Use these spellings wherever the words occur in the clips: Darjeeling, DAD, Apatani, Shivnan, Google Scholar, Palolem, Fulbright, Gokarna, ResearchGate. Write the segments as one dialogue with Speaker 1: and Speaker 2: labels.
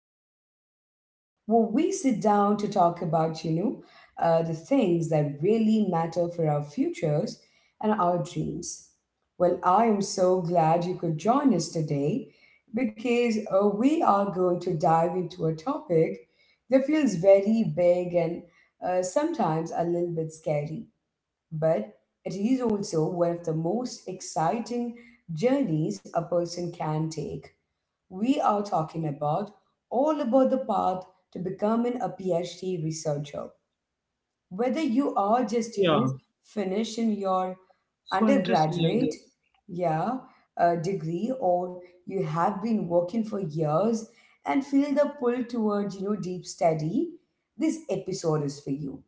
Speaker 1: of the world where we sit down to talk about, the things that really matter for our futures and our dreams. Well, I am so glad you could join us today because we are going to dive into a topic that feels very big and sometimes a little bit scary, but it is also one of the most exciting journeys a person can take. We are talking about all about the path to becoming a PhD researcher. Whether you are just,
Speaker 2: Yeah,
Speaker 1: finishing your
Speaker 2: so interesting, I
Speaker 1: undergraduate,
Speaker 2: guess.
Speaker 1: yeah, degree, or you have been working for years and feel the pull towards, deep study, this episode is for you.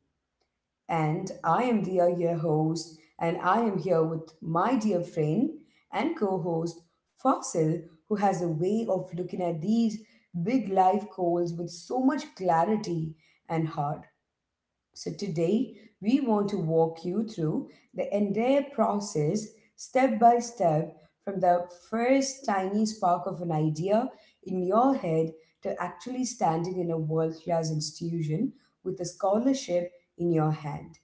Speaker 1: And I am Dia, your host, and I am here with my dear friend and co host Fasil, who has a way of looking at these big life goals with so much clarity and heart. So, today we want to walk you through the entire process step by step, from the first tiny spark of an idea in your head to actually standing in a world class institution with a scholarship in your hand.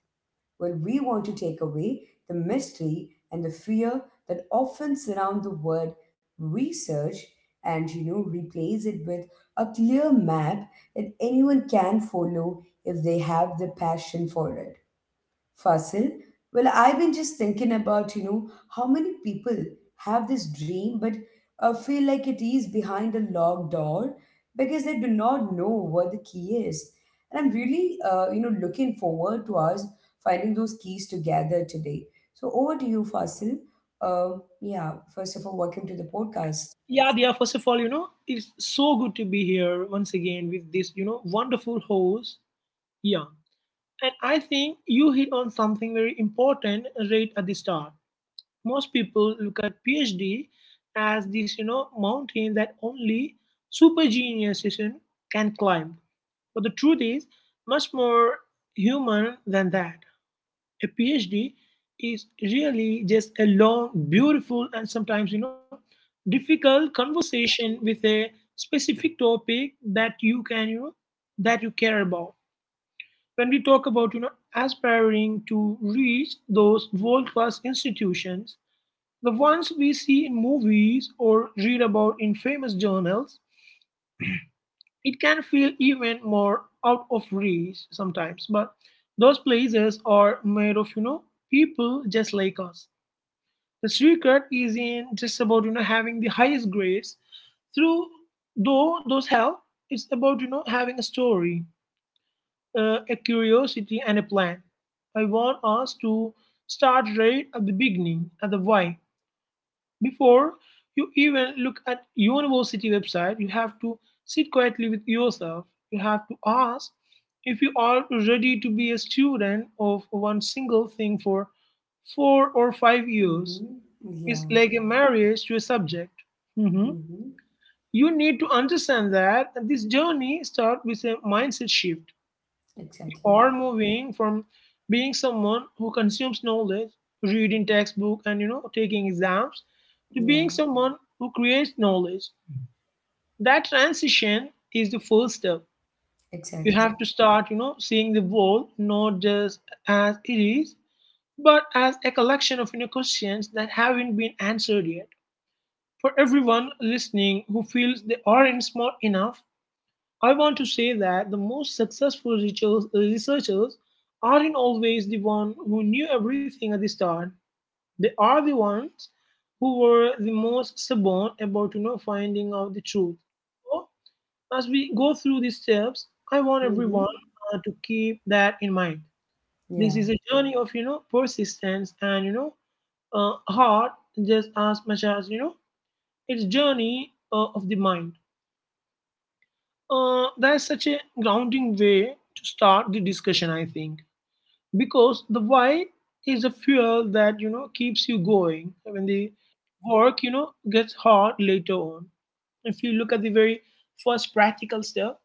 Speaker 1: Well, we want to take away the mystery and the fear that often surround the word research and replace it with a clear map that anyone can follow if they have the passion for it. Fasil, well, I've been just thinking about, how many people have this dream but feel like it is behind a locked door because they do not know what the key is. And I'm really, looking forward to us finding those keys together today. So over to you, Fasil. Yeah, first of all, welcome to the podcast.
Speaker 2: Yeah, yeah, first of all, it's so good to be here once again with this, wonderful host. Yeah. And I think you hit on something very important right at the start. Most people look at PhD as this, mountain that only super geniuses can climb. But the truth is, much more human than that. A phd is really just a long, beautiful, and sometimes difficult conversation with a specific topic that you can you know that you care about. When we talk about aspiring to reach those world class institutions, the ones we see in movies or read about in famous journals, it can feel even more out of reach sometimes, but those places are made of, people just like us. The secret is in just about having the highest grades through though those hell. It's about having a story, a curiosity, and a plan. I want us to start right at the beginning, at the why. Before you even look at university website, you have to sit quietly with yourself. You have to ask if you are ready to be a student of one single thing for 4 or 5 years
Speaker 1: Mm-hmm.
Speaker 2: is
Speaker 1: Yeah.
Speaker 2: like a marriage to a subject. Mhm.
Speaker 1: Mm-hmm.
Speaker 2: You need to understand that this journey starts with a mindset shift. You
Speaker 1: Exactly.
Speaker 2: are moving from being someone who consumes knowledge, reading textbook, and taking exams, to
Speaker 1: Yeah.
Speaker 2: being someone who creates knowledge. That transition is the first step. You
Speaker 1: Exactly.
Speaker 2: have to start, seeing the world not just as it is, but as a collection of, questions that haven't been answered yet. For everyone listening who feels they aren't smart enough, I want to say that the most successful researchers aren't always the ones who knew everything at the start. They are the ones who were the most stubborn about finding out the truth. So, as we go through these steps, I want
Speaker 1: Mm-hmm.
Speaker 2: everyone to keep that in mind.
Speaker 1: Yeah.
Speaker 2: This is a journey of persistence and, heart, just as much as it's journey of the mind. That's such a grounding way to start the discussion, I think, because the why is a fuel that keeps you going when the work gets hard later on. If you look at the very first practical step,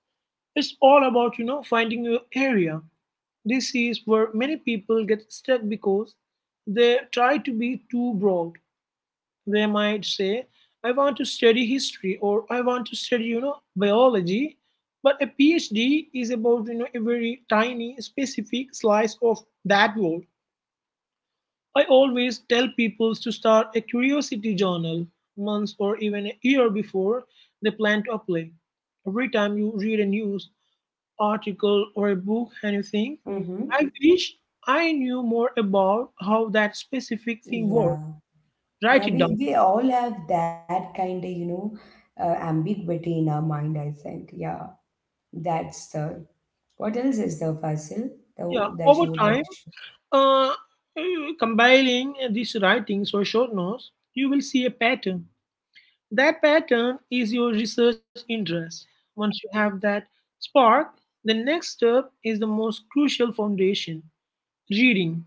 Speaker 2: it's all about finding your area. This is where many people get stuck because they try to be too broad. They might say, I want to study history, or I want to study, biology. But a PhD is about, a very tiny, specific slice of that world. I always tell people to start a curiosity journal months or even a year before they plan to apply. Every time you read a news article or a book and you think,
Speaker 1: Mm-hmm.
Speaker 2: I wish I knew more about how that specific thing works.
Speaker 1: Yeah. Yeah,
Speaker 2: Write it
Speaker 1: we,
Speaker 2: down.
Speaker 1: we all have that kind of, ambiguity in our mind, I think. Yeah, that's the. What else is the puzzle
Speaker 2: Yeah,
Speaker 1: that
Speaker 2: over
Speaker 1: you would like
Speaker 2: time,
Speaker 1: to share?
Speaker 2: Uh, compiling these writings or short notes, you will see a pattern. That pattern is your research interest. Once you have that spark, the next step is the most crucial foundation reading.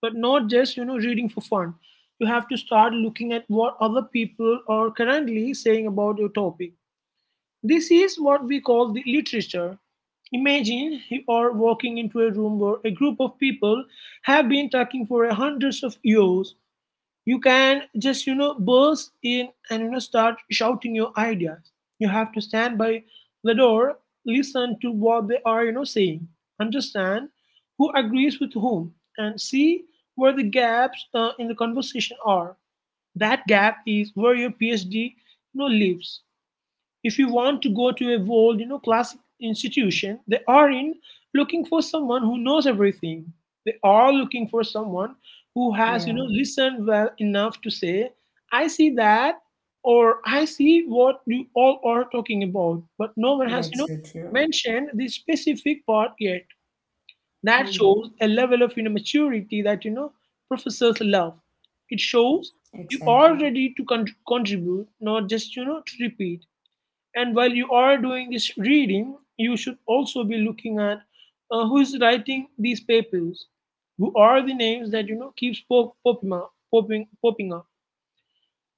Speaker 2: But not just, reading for fun. You have to start looking at what other people are currently saying about your topic. This is what we call the literature. Imagine you are walking into a room where a group of people have been talking for hundreds of years. You can just, burst in and, start shouting your ideas. You have to stand by the door, listen to what they are, saying, understand who agrees with whom, and see where the gaps in the conversation are. That gap is where your PhD, lives. If you want to go to a world classic institution, they aren't looking for someone who knows everything. They are looking for someone who has
Speaker 1: Yeah,
Speaker 2: listened well enough to say, I see that, or I see what you all are talking about, but no one has
Speaker 1: that's so
Speaker 2: mentioned
Speaker 1: true.
Speaker 2: the specific part yet. That shows a
Speaker 1: Mm-hmm.
Speaker 2: level of maturity that professors love. It shows you
Speaker 1: Exactly.
Speaker 2: are ready to contribute, not just to repeat. And while you are doing this reading, you should also be looking at who is writing these papers, who are the names that keeps popping up.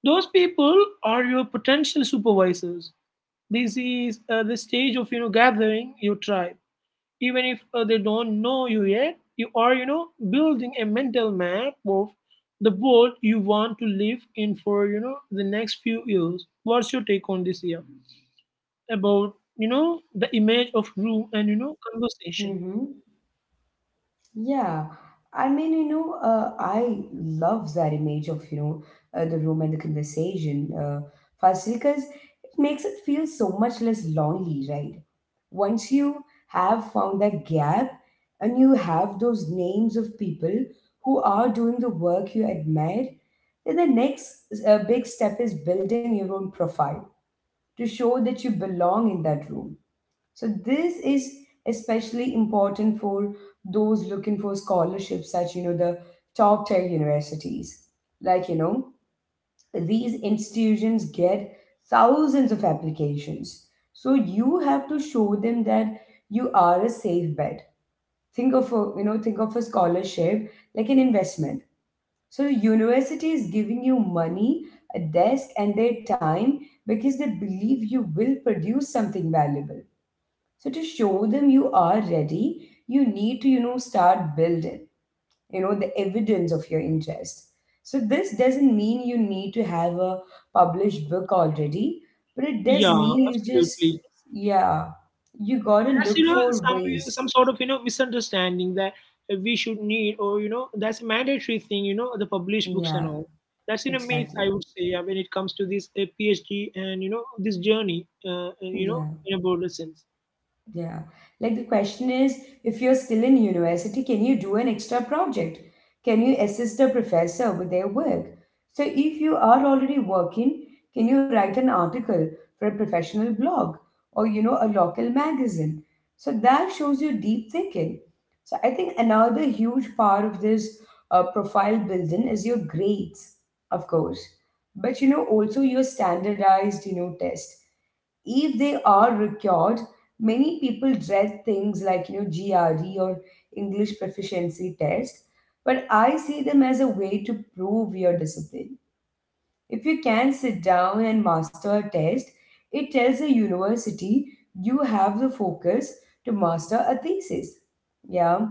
Speaker 2: Those people are your potential supervisors. This is the stage of gathering your tribe. Even if they don't know you yet, you are building a mental map of the world you want to live in for the next few years. What's your take on this year? About the image of room and conversation.
Speaker 1: Mm-hmm. Yeah. I mean, I love that image of, the room and the conversation, Fasil, because it makes it feel so much less lonely, right? Once you have found that gap and you have those names of people who are doing the work you admire, then the next big step is building your own profile to show that you belong in that room. So, this is especially important for those looking for scholarships at, the top tier universities. Like, these institutions get thousands of applications, so you have to show them that you are a safe bet. Think of a think of a scholarship like an investment. So the university is giving you money, a desk and their time because they believe you will produce something valuable. So to show them you are ready, you need to start building the evidence of your interest. So this doesn't mean you need to have a published book already, but it does
Speaker 2: Yeah,
Speaker 1: mean you just
Speaker 2: absolutely.
Speaker 1: yeah you got to
Speaker 2: That's
Speaker 1: look for
Speaker 2: some
Speaker 1: ways
Speaker 2: some sort of misunderstanding that we should need, or that's a mandatory thing, the published books and
Speaker 1: yeah
Speaker 2: all. That's in a myth,
Speaker 1: exactly
Speaker 2: I would say. Yeah, when it comes to this phd and this journey,
Speaker 1: yeah.
Speaker 2: in a broader sense.
Speaker 1: Yeah. Like the question is, if you're still in university, can you do an extra project? Can you assist the professor with their work? So, if you are already working, can you write an article for a professional blog or, a local magazine? So, that shows you deep thinking. So, I think another huge part of this profile building is your grades, of course, but, also your standardized, test if they are required. Many people dread things like GRE or English proficiency test, but I see them as a way to prove your discipline. If you can sit down and master a test, it tells the university you have the focus to master a thesis. Yeah.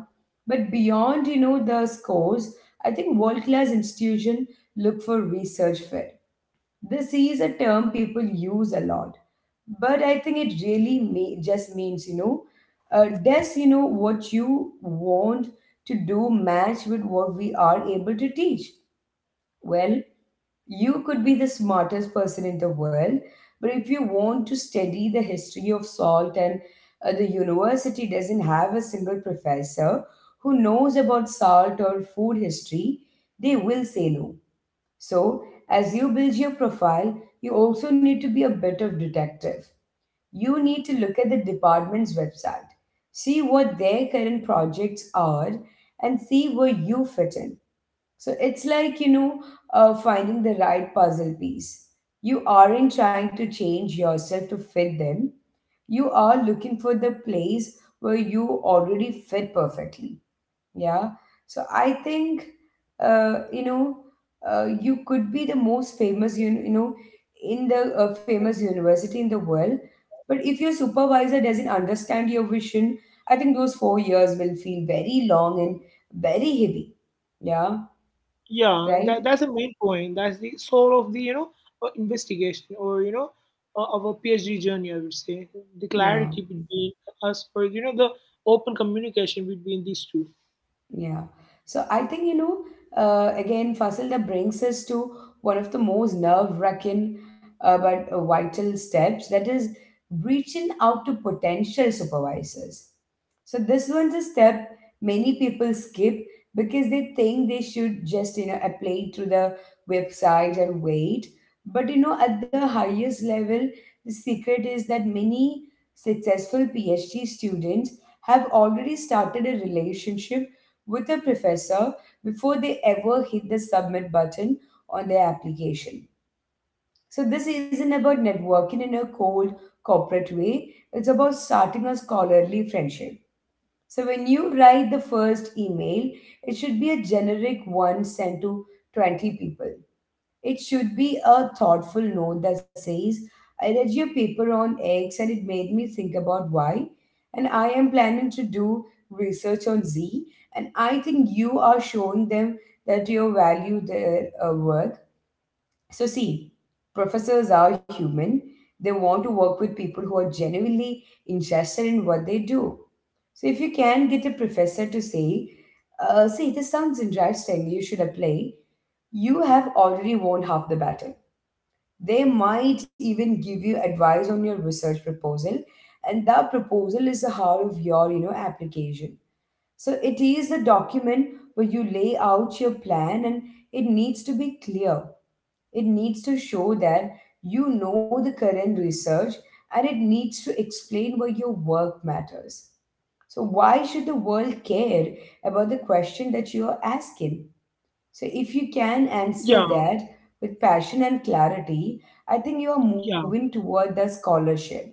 Speaker 1: But beyond, the scores, I think world-class institution look for research fit. This is a term people use a lot, but I think it really me just means does what you want to do match with what we are able to teach? Well, you could be the smartest person in the world, but if you want to study the history of salt and the university doesn't have a single professor who knows about salt or food history, they will say no. So, as you build your profile, you also need to be a bit of detective. You need to look at the department's website, see what their current projects are, and see where you fit in. So it's like, finding the right puzzle piece. You aren't trying to change yourself to fit them, you are looking for the place where you already fit perfectly. Yeah. So I think, uh, you know, you could be the most famous, in the famous university in the world. But if your supervisor doesn't understand your vision, I think those 4 years will feel very long and very heavy. Yeah.
Speaker 2: Yeah,
Speaker 1: Right.
Speaker 2: that's the main point. That's the soul of the investigation, or our PhD journey. I would say the
Speaker 1: Yeah.
Speaker 2: clarity between us, or the open communication between these two.
Speaker 1: Yeah. So I think, again, Fasil, that brings us to one of the most nerve-wracking but vital steps, that is reaching out to potential supervisors. So this one's a step many people skip because they think they should just, apply through the website and wait. But, at the highest level, the secret is that many successful PhD students have already started a relationship with a professor before they ever hit the submit button on their application. So, this isn't about networking in a cold corporate way, it's about starting a scholarly friendship. So, when you write the first email, it should be a generic one sent to 20 people. It should be a thoughtful note that says, I read your paper on X and it made me think about Y, and I am planning to do research on Z, and I think you are showing them that you value their work. So, see, professors are human. They want to work with people who are genuinely interested in what they do. So, if you can get a professor to say, see, this sounds interesting, you should apply, you have already won half the battle. They might even give you advice on your research proposal, and that proposal is the heart of your, application. So it is a document where you lay out your plan, and it needs to be clear. It needs to show that you know the current research, and it needs to explain why your work matters. So why should the world care about the question that you are asking? So if you
Speaker 2: Yeah,
Speaker 1: can answer that with passion and clarity, I think you are
Speaker 2: yeah,
Speaker 1: moving toward the scholarship.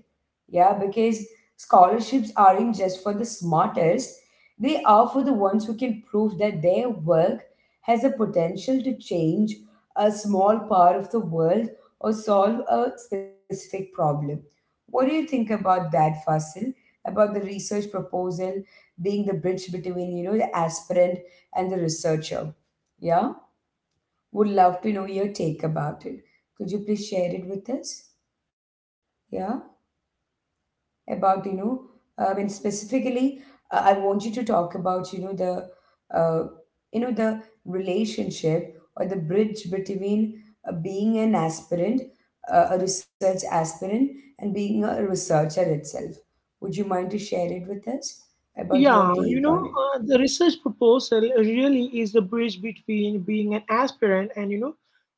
Speaker 1: Yeah, because scholarships aren't just for the smartest, they are for the ones who can prove that their work has the potential to change a small part of the world or solve a specific problem. What do you think about that, Fasil? About the research proposal being the bridge between, the aspirant and the researcher. Yeah? Would love to know your take about it. Could you please share it with us? Yeah, about I mean specifically, I want you to talk about the, uh, the relationship or the bridge between being an aspirant, a research aspirant, and being a researcher itself. Would you mind to share it with us about your
Speaker 2: yeah.
Speaker 1: take on it?
Speaker 2: The research proposal really is the bridge between being an aspirant and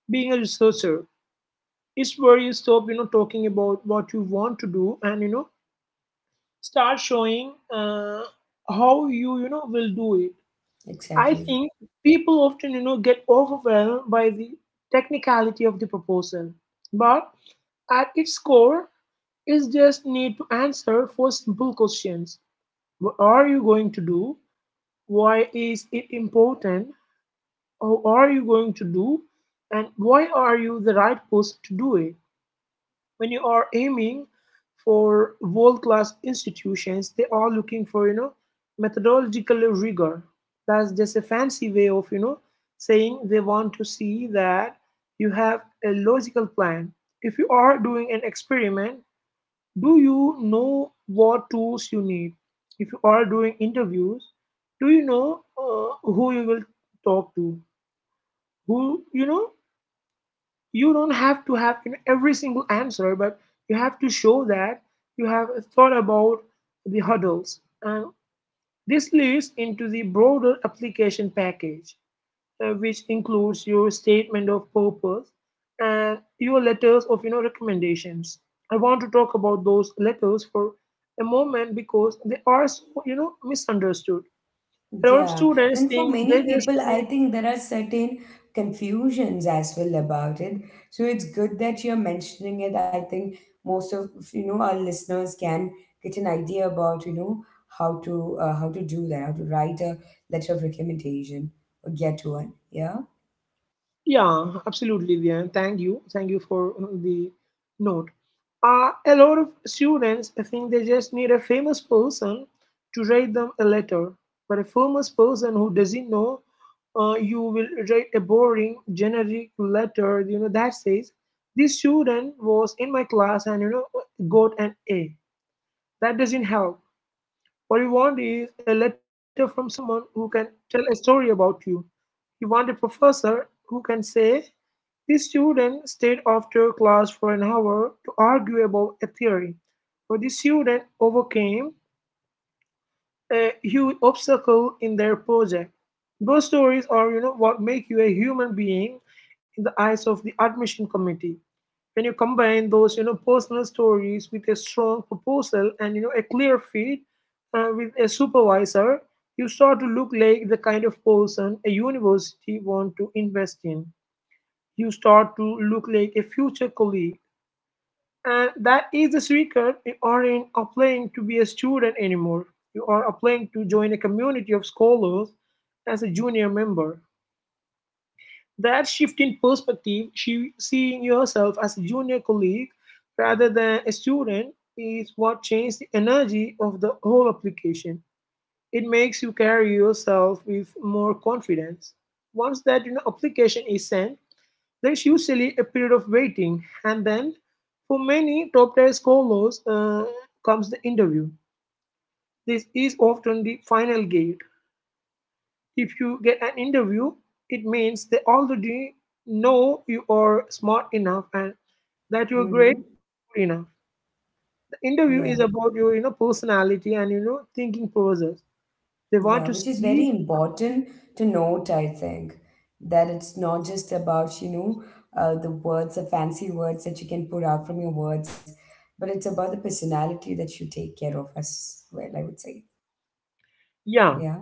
Speaker 2: being a researcher. It's where you stop talking about what you want to do and start showing how you you know will do it. I
Speaker 1: Exactly.
Speaker 2: think people often, get overwhelmed by the technicality of the proposal, but at its core, is just need to answer four simple questions: What are you going to do? Why is it important? How are you going to do? And why are you the right person to do it? When you are aiming for world class institutions, they are looking for methodological rigor. That's just a fancy way of saying they want to see that you have a logical plan. If you are doing an experiment, do you know what tools you need? If you are doing interviews, do you know who you will talk to, who you know you don't have to have, every single answer, but you have to show that you have thought about the hurdles. And this leads into the broader application package, which includes your statement of purpose and your letters of recommendations. I want to talk about those letters for a moment because they are so misunderstood. A lot of
Speaker 1: Yeah, and
Speaker 2: students
Speaker 1: for
Speaker 2: think
Speaker 1: many
Speaker 2: they just
Speaker 1: people, I think there are certain confusions as well about it. So it's good that you're mentioning it. I think most of our listeners can get an idea about how to do that, how to write a letter of recommendation or get one. Yeah.
Speaker 2: Yeah, absolutely, Diane. Thank you. Thank you for the note. A lot of students think they just need a famous person to write them a letter. But a famous person who doesn't know you will write a boring, generic letter, that says, this student was in my class and, got an A. That doesn't help. What you want is a letter from someone who can tell a story about you. You want a professor who can say, the student stayed after class for an hour to argue about a theory, but the student overcame a huge obstacle in their project. Those stories are, what make you a human being in the eyes of the admission committee. When you combine those, personal stories with a strong proposal and a clear fit with a supervisor, you start to look like the kind of person a university want to invest in. You start to look like a future colleague. And that is the secret. You aren't applying to be a student anymore. You are applying to join a community of scholars as a junior member. That shift in perspective, seeing yourself as a junior colleague rather than a student, is what changed the energy of the whole application. It makes you carry yourself with more confidence. Once that, application is sent, there's usually a period of waiting, and then for many top tier scholars comes the interview. This is often the final gate. If you get an interview, it means they already know you are smart enough and that you're great
Speaker 1: Mm-hmm.
Speaker 2: enough. The
Speaker 1: Yeah.
Speaker 2: interview is about your personality and thinking process. They want
Speaker 1: Yeah,
Speaker 2: to
Speaker 1: which is
Speaker 2: see,
Speaker 1: very important to note, I think, that it's not just about, the words, the fancy words that you can put out from your words, but it's about the personality that you take care of as well, I would say.
Speaker 2: yeah,
Speaker 1: Yeah.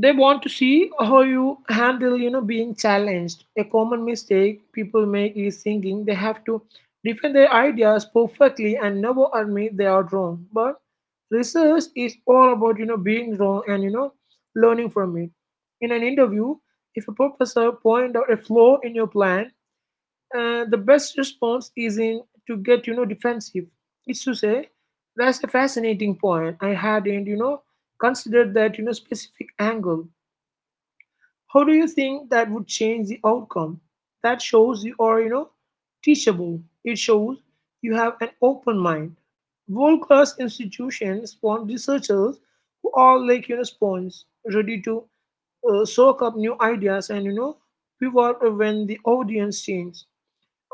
Speaker 2: they want to see how you handle, being challenged. A common mistake people make is thinking they have to defend their ideas perfectly and never admit they are wrong. But research is all about, being wrong and, learning from it. In an interview, if a professor point out a flaw in your plan, the best response isn't to get, defensive. It's to say, that's a fascinating point. I hadn't, considered that, specific angle. How do you think that would change the outcome? That shows you are, teachable. It shows you have an open mind. World class institutions want researchers who are like, sponges, ready to soak up new ideas and, pivot when the audience changes.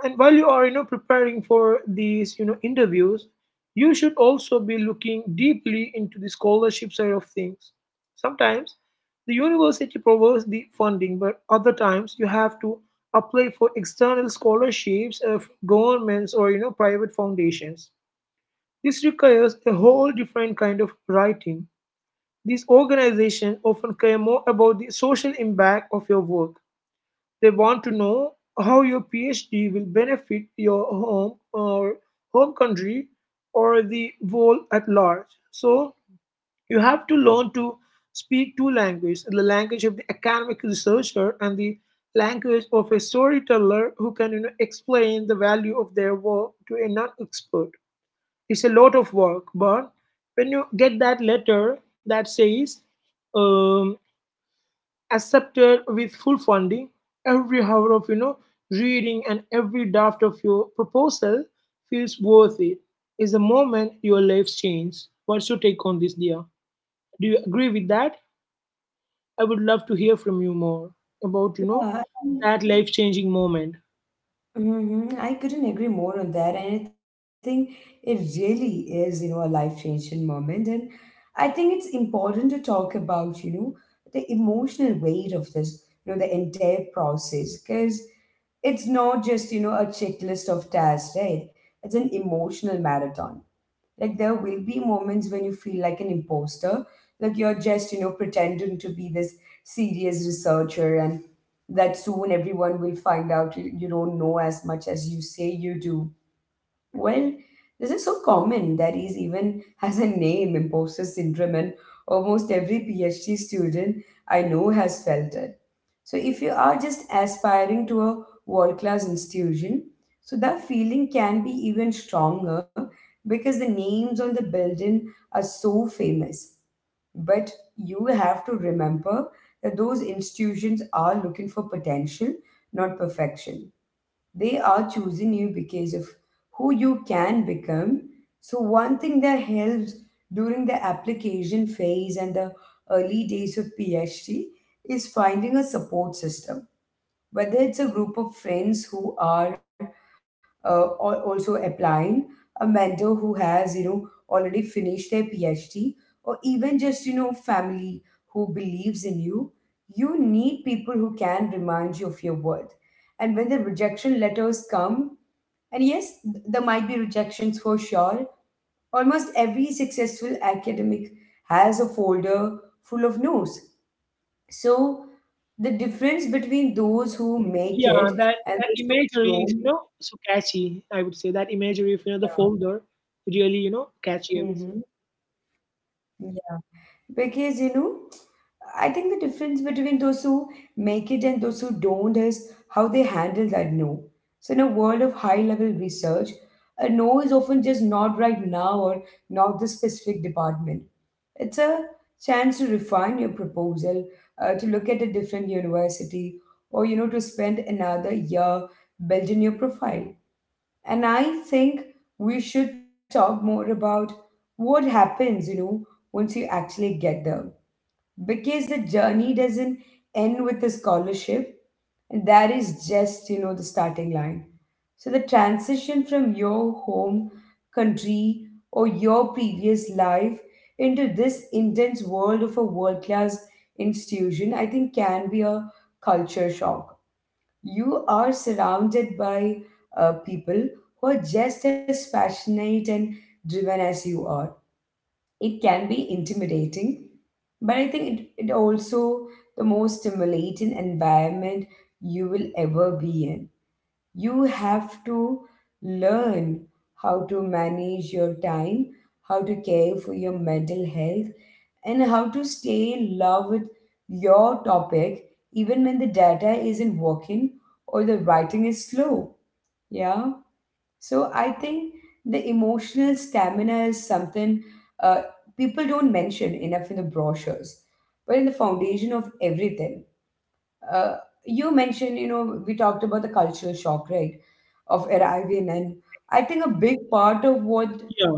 Speaker 2: And while you are, preparing for these, interviews, you should also be looking deeply into the scholarship side of things. Sometimes the university provides the funding, but other times you have to apply for external scholarships of governments or, private foundations. This requires a whole different kind of writing. These organizations often care more about the social impact of your work. They want to know how your PhD will benefit your home or home country or the world at large. So you have to learn to speak two languages: the language of the academic researcher and the language of a storyteller who can, explain the value of their work to a non expert. It's a lot of work, but when you get that letter that says, um, accepted with full funding, every hour of, reading and every draft of your proposal feels worth it, is the moment your life changes. What's your take on this, dear? Do you agree with that? I would love to hear from you more about,
Speaker 1: Yeah, and
Speaker 2: that life changing moment.
Speaker 1: hmm, I couldn't agree more on that. And I think it really is, a life-changing moment. And I think it's important to talk about, the emotional weight of this, the entire process. Because it's not just, you know, a checklist of tasks, right? It's an emotional marathon. Like, there will be moments when you feel like an imposter, like you're just, you know, pretending to be this serious researcher and that soon everyone will find out you don't know as much as you say you do. Well, this is so common that is even has a name, imposter syndrome, and almost every PhD student I know has felt it. So if you are just aspiring to a world class institution, so that feeling can be even stronger because the names on the building are so famous. But you have to remember that those institutions are looking for potential, not perfection. They are choosing you because of who you can become. So, one thing that helps during the application phase and the early days of PhD is finding a support system, whether it's a group of friends who are also applying, a mentor who has, you know, already finished their PhD, or even just, you know, family who believes in you, you need people who can remind you of your worth. And when the rejection letters come, and yes, there might be rejections for sure, almost every successful academic has a folder full of no's. So, the difference between those who
Speaker 2: Yeah, that
Speaker 1: make it
Speaker 2: that
Speaker 1: and
Speaker 2: imagery
Speaker 1: those
Speaker 2: is,
Speaker 1: who don't.
Speaker 2: so catchy, I would say. That imagery of, the
Speaker 1: Yeah.
Speaker 2: folder, really, catchy, I would say.
Speaker 1: hmm Yeah. Because, you know, I think the difference between those who make it and those who don't is how they handle that no. So, in a world of high level research, a no is often just not right now or not this specific department. It's a chance to refine your proposal, to look at a different university, or, you know, to spend another year building your profile. And I think we should talk more about what happens, you know, once you actually get there. Because the journey doesn't end with the scholarship, and that is just, you know, the starting line. So the transition from your home country or your previous life into this intense world of a world class institution, I think, can be a culture shock. You are surrounded by people who are just as passionate and driven as you are. It can be intimidating, but I think it also the most stimulating environment you will ever be in. You have to learn how to manage your time, how to care for your mental health, and how to stay in love with your topic even when the data isn't working or the writing is slow. Yeah. So I think the emotional stamina is something uh, people don't mention enough in the brochures, but in the foundation of everything. Uh, you mentioned, you know, we talked about the cultural shock, right, of arriving. And I think a big part of
Speaker 2: Yeah,
Speaker 1: what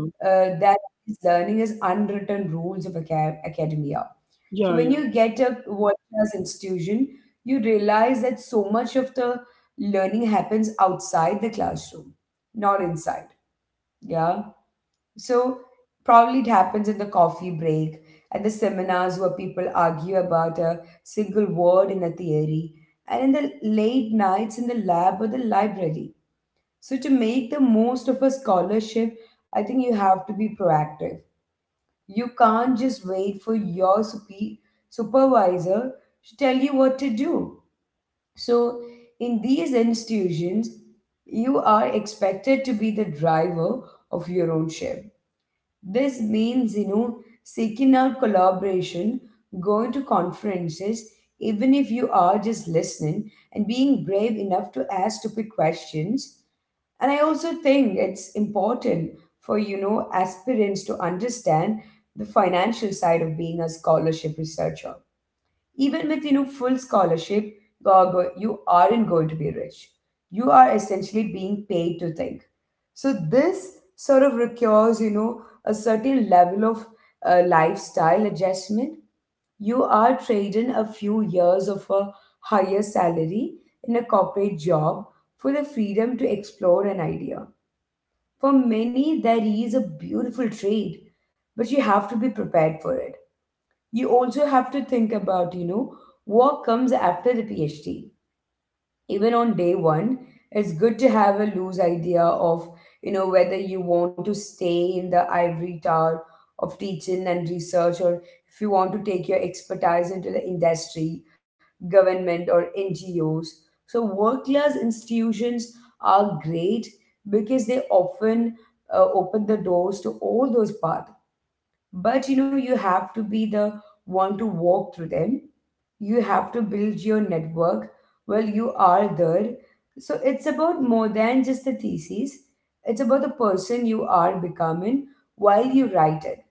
Speaker 1: that is learning is unwritten rules of academia.
Speaker 2: yeah,
Speaker 1: So when
Speaker 2: yeah.
Speaker 1: you get a world class institution, you realize that so much of the learning happens outside the classroom, not inside. Yeah. So probably it happens in the coffee break and the seminars where people argue about a single word in a theory, and in the late nights in the lab or the library. So to make the most of a scholarship, I think you have to be proactive. You can't just wait for your supervisor to tell you what to do. So, in these institutions, you are expected to be the driver of your own ship. This means, you know, seeking out collaboration, going to conferences, even if you are just listening, and being brave enough to ask stupid questions. And I also think it's important for, you know, aspirants to understand the financial side of being a scholarship researcher. Even with, you know, full scholarship, you aren't going to be rich. You are essentially being paid to think. So this sort of requires, you know, a certain level of lifestyle adjustment. You are trading a few years of a higher salary in a corporate job for the freedom to explore an idea. For many, that is a beautiful trade, but you have to be prepared for it. You also have to think about, you know, what comes after the PhD. Even on day one, it's good to have a loose idea of, you know, whether you want to stay in the ivory tower of teaching and research, or if you want to take your expertise into the industry, government, or ngos. So work class institutions are great because they often open the doors to all those paths. But, you know, you have to be the one to walk through them. You have to build your network while you are there. So it's about more than just the thesis, it's about the person you are becoming while you write it.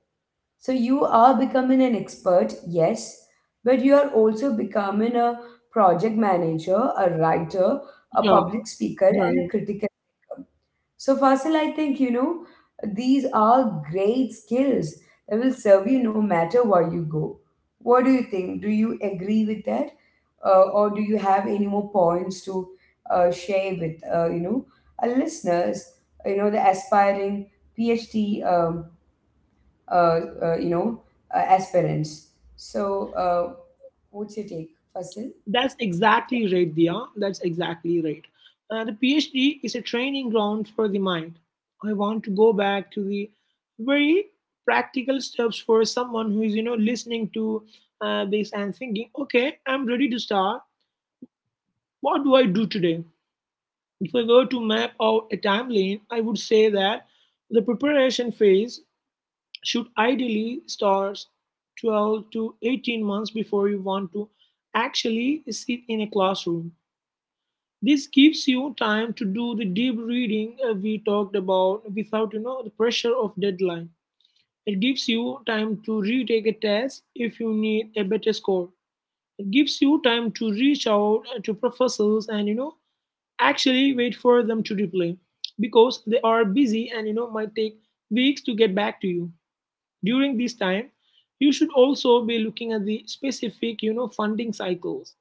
Speaker 1: So you are becoming an expert, yes, but you are also becoming a project manager, a writer,
Speaker 2: Yeah,
Speaker 1: a public
Speaker 2: yeah,
Speaker 1: speaker,
Speaker 2: yeah.
Speaker 1: and a critical thinker. So, Fasil, I think, you know, these are great skills that will serve you no matter where you go. What do you think? Do you agree with that? Or do you have any more points to share with, you know, our listeners, you know, the aspiring PhD, uh, you know, aspirants? So, what's your take, Fasil?
Speaker 2: That's exactly right, Dia. That's exactly right. The PhD is a training ground for the mind. I want to go back to the very practical steps for someone who is, you know, listening to this and thinking, okay, I'm ready to start. What do I do today? If I were to map out a timeline, I would say that the preparation phase should ideally start 12 to 18 months before you want to actually sit in a classroom. This gives you time to do the deep reading we talked about without, the pressure of deadline. It gives you time to retake a test if you need a better score. It gives you time to reach out, to professors and, actually wait for them to reply, because they are busy and, might take weeks to get back to you. During this time, you should also be looking at the specific, funding cycles.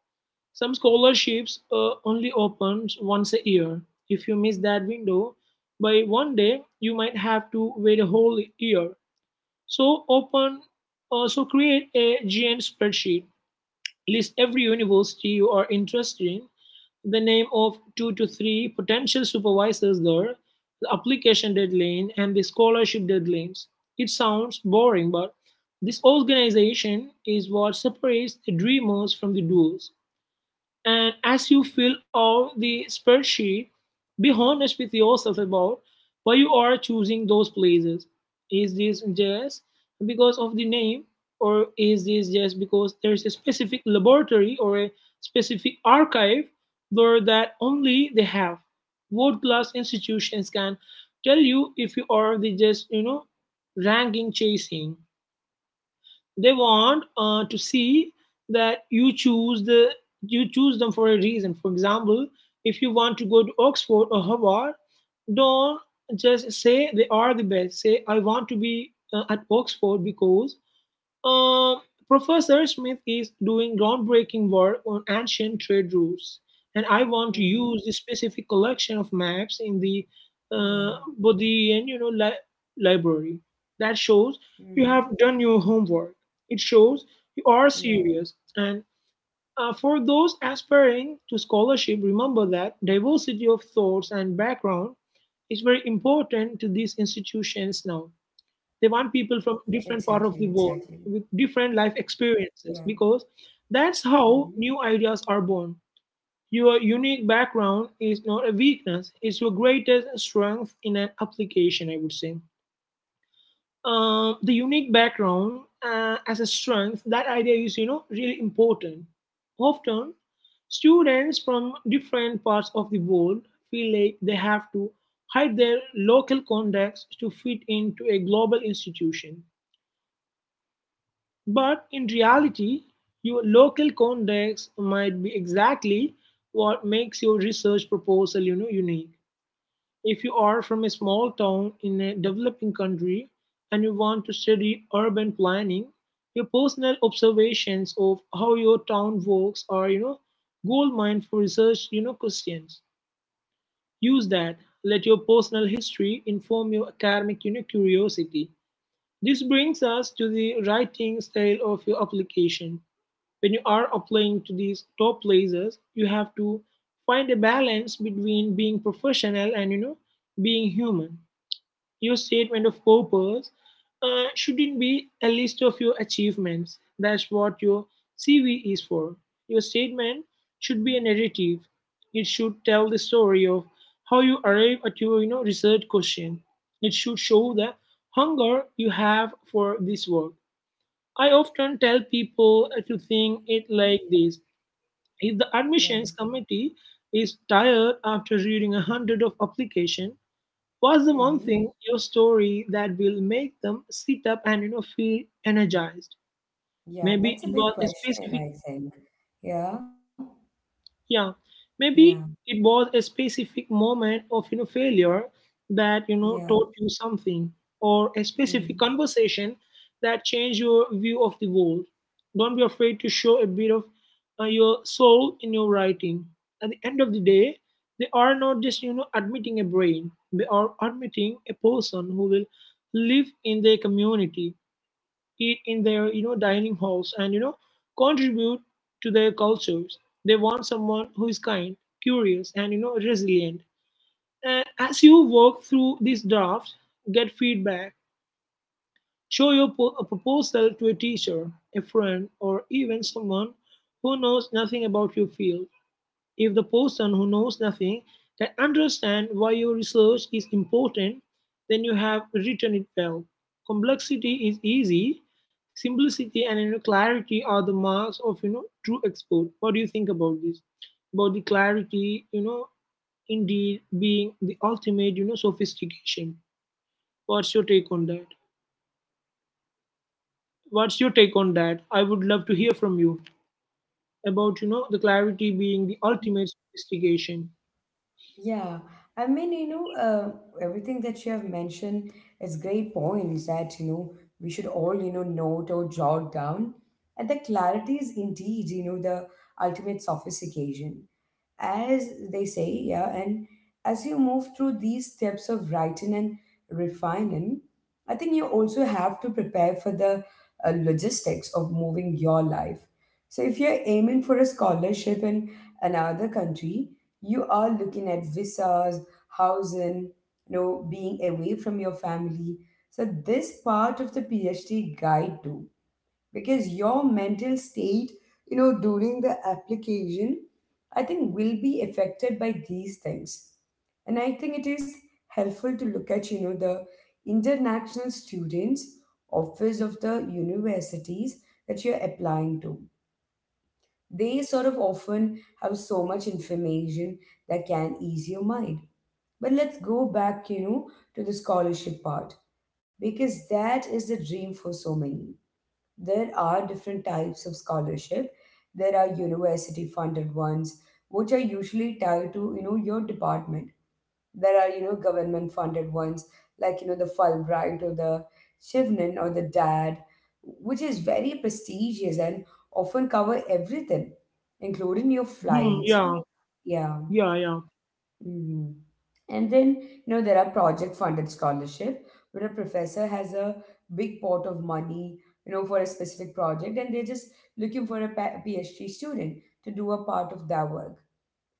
Speaker 2: Some scholarships, only opens once a year. If you miss that window by one day, you might have to wait a whole year. So open, so create a gn spreadsheet. List every university you are interested in, the name of two to three potential supervisors there, the application deadline, and the scholarship deadlines. It sounds boring, but this organization is what separates the dreamers from the doers. And as you fill out the spreadsheet, be honest with yourself about why you are choosing those places. Is this just because of the name, or is this just because there's a specific laboratory or a specific archive there that only they have? World class institutions can tell you if you are the just, you know, ranking chasing. They want to see that you choose them for a reason. For example, if you want to go to Oxford or Harvard, don't just say they are the best. Say, I want to be at Oxford because um, Professor Smith is doing groundbreaking work on ancient trade routes, and I want to
Speaker 1: Mm-hmm.
Speaker 2: use the specific collection of maps in the uh,
Speaker 1: Yeah.
Speaker 2: Bodleian, you know, library. That shows you
Speaker 1: Mm-hmm.
Speaker 2: have done your homework. It shows you are
Speaker 1: Yeah.
Speaker 2: serious. And for those aspiring to scholarship, remember that diversity of thoughts and background is very important to these institutions now. They want people from
Speaker 1: Exactly.
Speaker 2: different part of
Speaker 1: Exactly.
Speaker 2: the world with different life
Speaker 1: Yeah.
Speaker 2: experiences, because that's
Speaker 1: Mm-hmm.
Speaker 2: how new ideas are born. Your unique background is not a weakness; it's your greatest strength in an application. I would say the unique background as a strength. That idea is, you know, really important. Often, students from different parts of the world feel like they have to hide their local context to fit into a global institution. But in reality, your local context might be exactly what makes your research proposal, you know, unique. If you are from a small town in a developing country and you want to study urban planning, your personal observations of how your town works are, you know, goldmine for research, you know, questions. Use that. Let your personal history inform your academic, you know, curiosity. This brings us to the writing style of your application. When you are applying to these top places, you have to find a balance between being professional and, being human. Your statement of purpose shouldn't be a list of your achievements. That's what your cv is for. Your statement should be a narrative. It should tell the story of how you arrive at your, research question. It should show the hunger you have for this work. I often tell people to think it
Speaker 1: Mm-hmm.
Speaker 2: like this: if the
Speaker 1: Yeah.
Speaker 2: admissions committee is tired after reading 100 of application, what's the one
Speaker 1: Mm-hmm.
Speaker 2: thing your story that will make them sit up and, feel energized?
Speaker 1: Yeah,
Speaker 2: Maybe
Speaker 1: that's
Speaker 2: it
Speaker 1: a
Speaker 2: was
Speaker 1: big
Speaker 2: a
Speaker 1: question,
Speaker 2: specific,
Speaker 1: I think. Yeah,
Speaker 2: yeah,
Speaker 1: yeah,
Speaker 2: maybe it was a specific moment of, failure that,
Speaker 1: yeah.
Speaker 2: taught you something, or a specific
Speaker 1: Mhm.
Speaker 2: conversation that changed your view of the world. Don't be afraid to show a bit of your soul in your writing. At the end of the day, they are not just, admitting a brain. They are admitting a person who will live in their community, eat in their, dining halls, and, contribute to their cultures. They want someone who is kind, curious, and, resilient. And as you work through this draft, get feedback. Show your a proposal to a teacher, a friend, or even someone who knows nothing about your field. If the person who knows nothing can understand why your research is important, then you have written it well. Complexity is easy. Simplicity and, you know, clarity are the marks of, true expert. What do you think about this? About the clarity, you know, indeed being the ultimate, you know, sophistication. What's your take on that? What's your take on that? I would love to hear from you about, the clarity being the ultimate sophistication.
Speaker 1: Yeah. I mean, you know, everything that you have mentioned is great points that, you know, we should all, you know, note or jot down. And the clarity is indeed, you know, the ultimate sophistication, as they say, yeah. And as you move through these steps of writing and refining, I think you also have to prepare for the logistics of moving your life. So if you're aiming for a scholarship in another country, you are looking at visas, housing, you know, being away from your family. So this part of the PhD guide too, because your mental state, you know, during the application, I think, will be affected by these things. And I think it is helpful to look at, you know, the international students office of the universities that you're applying to. They sort of often have so much information that can ease your mind. But let's go back, you know, to the scholarship part, because that is the dream for so many. There are different types of scholarship. There are university funded ones, which are usually tied to, you know, your department. There are, you know, government funded ones like, you know, the Fulbright or the Shivnan or the DAD, which is very prestigious and often cover everything, including your
Speaker 2: Hmm,
Speaker 1: flights.
Speaker 2: yeah,
Speaker 1: Yeah.
Speaker 2: yeah, yeah,
Speaker 1: hmm And then, you know, there are project funded scholarship where a professor has a big pot of money, you know, for a specific project, and they're just looking for a PhD student to do a part of their work.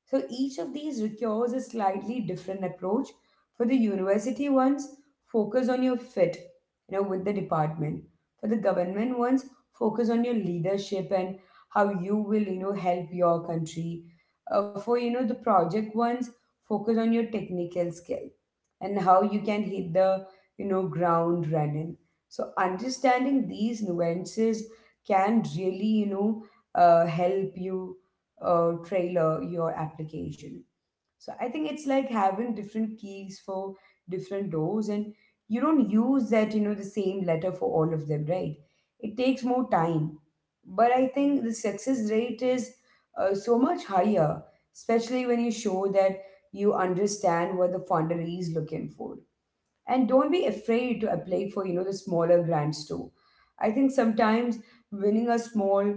Speaker 1: So each of these requires a slightly different approach. For the university ones, focus on your fit, you know, with the department. For the government ones, focus on your leadership and how you will, you know, help your country. For, you know, the project ones, focus on your technical skill and how you can hit the, you know, ground running. So understanding these nuances can really, you know, help you tailor your application. So I think it's like having different keys for different doors, and you don't use that, you know, the same letter for all of them, right? It takes more time. But I think the success rate is so much higher, especially when you show that you understand what the funder is looking for. And don't be afraid to apply for, you know, the smaller grants too. I think sometimes winning a small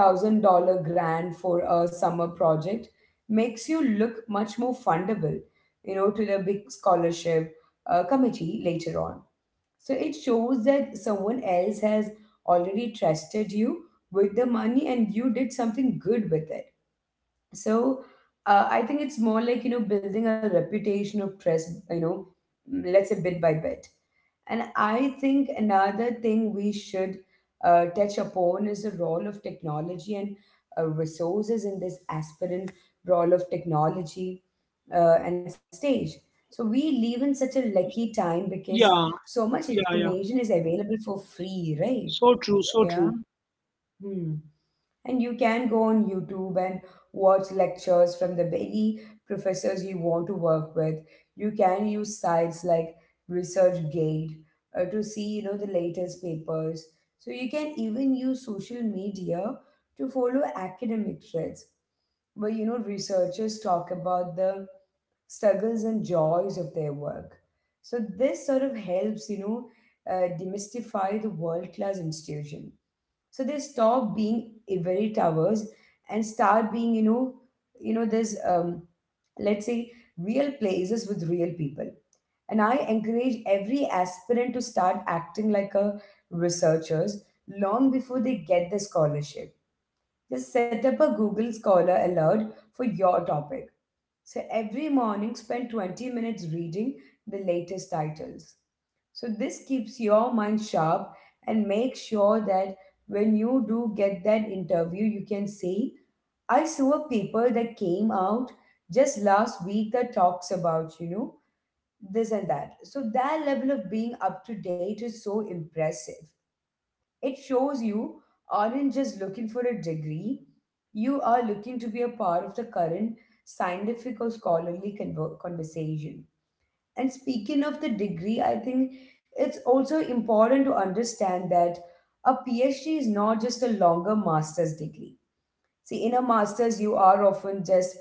Speaker 1: $1,000 grant for a summer project makes you look much more fundable, you know, to the big scholarship committee later on. So it shows that someone else has already trusted you with the money and you did something good with it. So, I think it's more like, you know, building a reputation of trust, you know, mm, let's say bit by bit. And I think another thing we should touch upon is the role of technology and resources in this aspirant role of technology and stage. So we live in such a lucky time because
Speaker 2: yeah.
Speaker 1: so much
Speaker 2: Yeah, yeah.
Speaker 1: information is available for free, right?
Speaker 2: So true, so
Speaker 1: Yeah.
Speaker 2: true.
Speaker 1: Hmm. And you can go on YouTube and watch lectures from the very professors you want to work with. You can use sites like ResearchGate to see, you know, the latest papers. So you can even use social media to follow academic threads where, you know, researchers talk about the struggles and joys of their work. So this sort of helps, demystify the world-class institution so they stop being ivory towers and start being there's let's say real places with real people. And I encourage every aspirant to start acting like a researchers long before they get the scholarship. Just set up a Google Scholar alert for your topic. So every morning spend 20 minutes reading the latest titles. So this keeps your mind sharp and make sure that when you do get that interview, you can say, "I saw a paper that came out just last week that talks about, this and that." So that level of being up to date is so impressive. It shows you aren't just looking for a degree, you are looking to be a part of the current scientific or scholarly conversation. And speaking of the degree, I think it's also important to understand that a PhD is not just a longer master's degree. See, in a master's, you are often just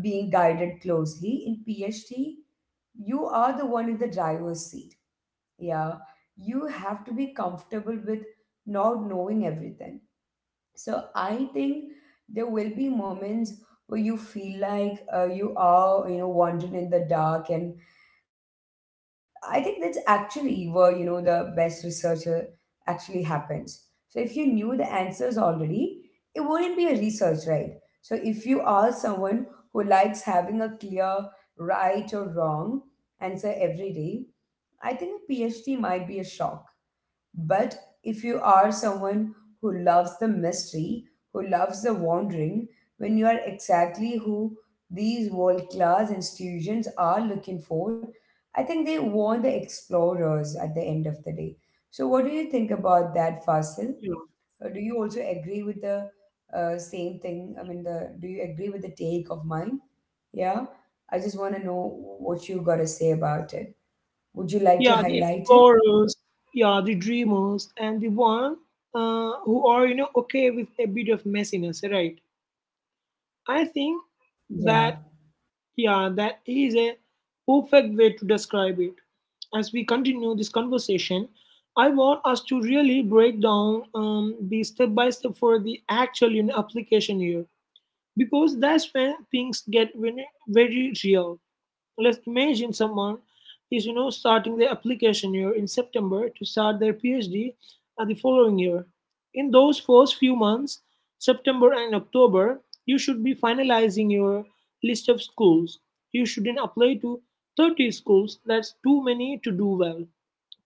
Speaker 1: being guided closely. In PhD, you are the one in the driver's seat. Yeah. You have to be comfortable with not knowing everything. So I think there will be moments where you feel like you are, wandering in the dark. And I think that's actually where the best researcher actually happens. So if you knew the answers already, it wouldn't be a research, right? So if you are someone who likes having a clear right or wrong answer every day, I think a PhD might be a shock. But if you are someone who loves the mystery, who loves the wandering, when you are exactly who these world class institutions are looking for, I think they want the explorers at the end of the day. So, what do you think about that, Fasil?
Speaker 2: Yeah,
Speaker 1: Do you also agree with the same thing? I mean, the do you agree with the take of mine? Yeah, I just want to know what you got to say about it. Would you like to
Speaker 2: yeah, the
Speaker 1: highlight it?
Speaker 2: explorers, yeah, the dreamers, and the one who are, you know, okay with a bit of messiness, right? I think
Speaker 1: Yeah.
Speaker 2: that, yeah, that is a perfect way to describe it. As we continue this conversation, I want us to really break down the step by step for the actual, you know, application here, because that's when things get very very real. Let's imagine someone is, you know, starting their application year in September to start their PhD at the following year. In those first few months, September and October, you should be finalizing your list of schools. You shouldn't apply to 30 schools, that's too many to do well.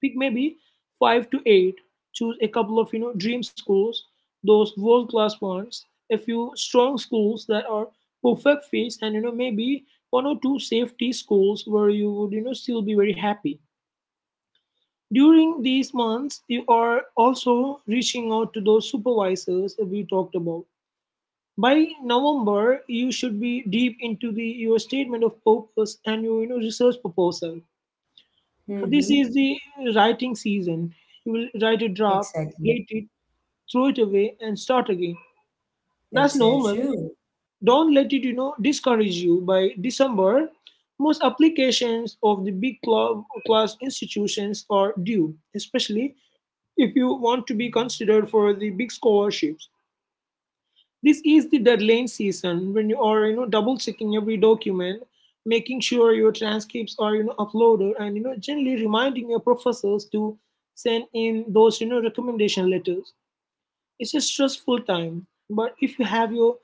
Speaker 2: Pick maybe 5 to 8. Choose a couple of, dream schools, those world class ones, a few strong schools that are perfect fits, and, maybe one or two safety schools where you would, still be very happy. During these months, you are also reaching out to those supervisors that we talked about. By november, you should be deep into the your statement of purpose and your, research proposal. So this
Speaker 1: Mm-hmm.
Speaker 2: is the writing season. You will write a draft,
Speaker 1: Exactly.
Speaker 2: hate it, throw it away, and start again. That's
Speaker 1: That's so
Speaker 2: normal.
Speaker 1: true.
Speaker 2: Don't let it, you know, discourage you. By December, most applications of the big club class institutions are due, especially if you want to be considered for the big scholarships. This is the deadline season, when you are, double checking every document, making sure your transcripts are, uploaded, and, generally reminding your professors to send in those, recommendation letters. It's a stressful time, but if you have your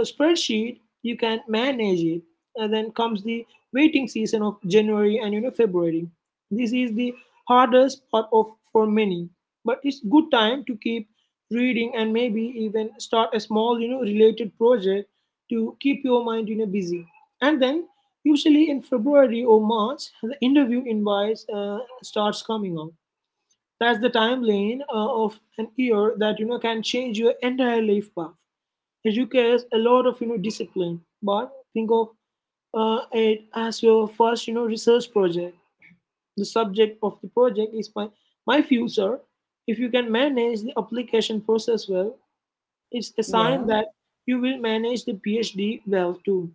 Speaker 2: a spreadsheet, you can manage it. And then comes the waiting season of January and, February. This is the hardest part of for many, but it's good time to keep reading and maybe even start a small related project to keep your mind busy. And then usually in February or March, the interview invites starts coming out. That's the timeline of an year that can change your entire life path requires a lot of discipline, but think of it as your first research project. The subject of the project is my future. If you can manage the application process well, it's a sign
Speaker 1: Yeah,
Speaker 2: that you will manage the PhD well too.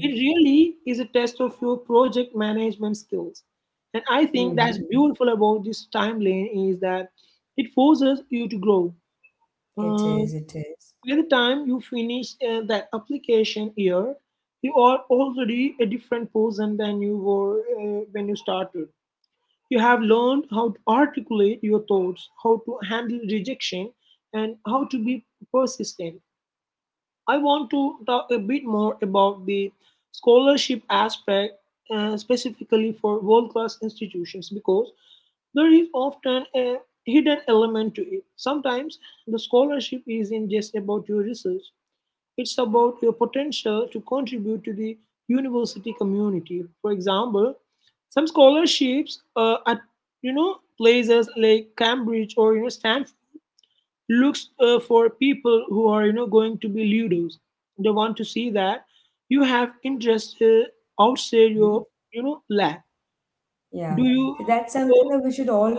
Speaker 2: It really is a test of your project management skills, and I think that's
Speaker 1: Mm-hmm.
Speaker 2: beautiful about this timeline is that it forces you to grow.
Speaker 1: It
Speaker 2: Uh,
Speaker 1: is, it is.
Speaker 2: By the time you finish that application year, you are already a different person than you were when you started. You have learned how to articulate your thoughts, how to handle rejection, and how to be persistent. I want to talk a bit more about the scholarship aspect, specifically for world class institutions, because there is often a hidden element to it. Sometimes the scholarship isn't just about your research, it's about your potential to contribute to the university community. For example, some scholarships at places like Cambridge or Stanford looks for people who are going to be leaders. They want to see that you have interest outside
Speaker 1: Mhm.
Speaker 2: your lab.
Speaker 1: Yeah.
Speaker 2: Do you?
Speaker 1: So that's something
Speaker 2: uh,
Speaker 1: that we should all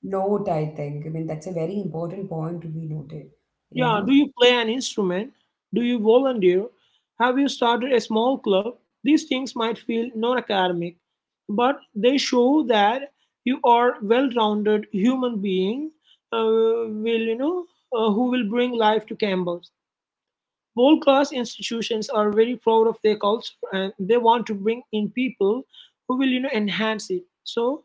Speaker 1: note, I think. I mean, that's a very important point to be noted.
Speaker 2: Yeah,
Speaker 1: Yeah.
Speaker 2: do you play an instrument? Do you volunteer? Have you started a small club? These things might feel non academic, but they show that you are well rounded human being will you know who will bring life to campus. World class institutions are very proud of their culture and they want to bring in people who will enhance it. So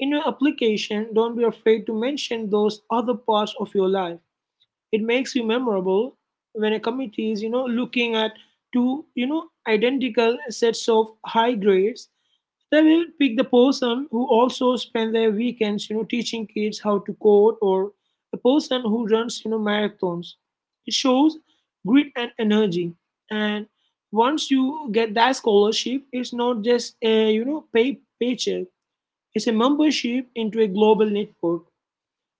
Speaker 2: in your application, don't be afraid to mention those other parts of your life. It makes you memorable when a committee is, you know, looking at two, you know, identical sets of high grades. They will pick the person who also spend their weekends, you know, teaching kids how to code, or the person who runs, you know, marathons. It shows grit and energy. And once you get that scholarship, it's not just a paycheck. It's a membership into a global network.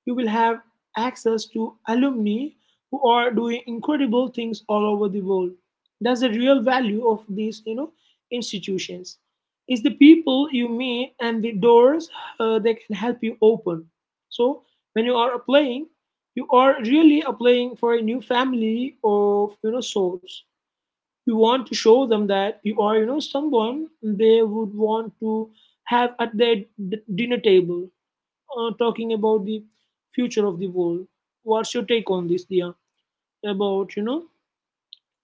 Speaker 2: You will have access to alumni who are doing incredible things all over the world. That's the real value of these, you know, institutions. It's the people you meet and the doors they can help you open. So when you are applying, you are really applying for a new family of sorts. You want to show them that you are someone they would want to have at their dinner table talking about the future of the world. What's your take on this, Dia? About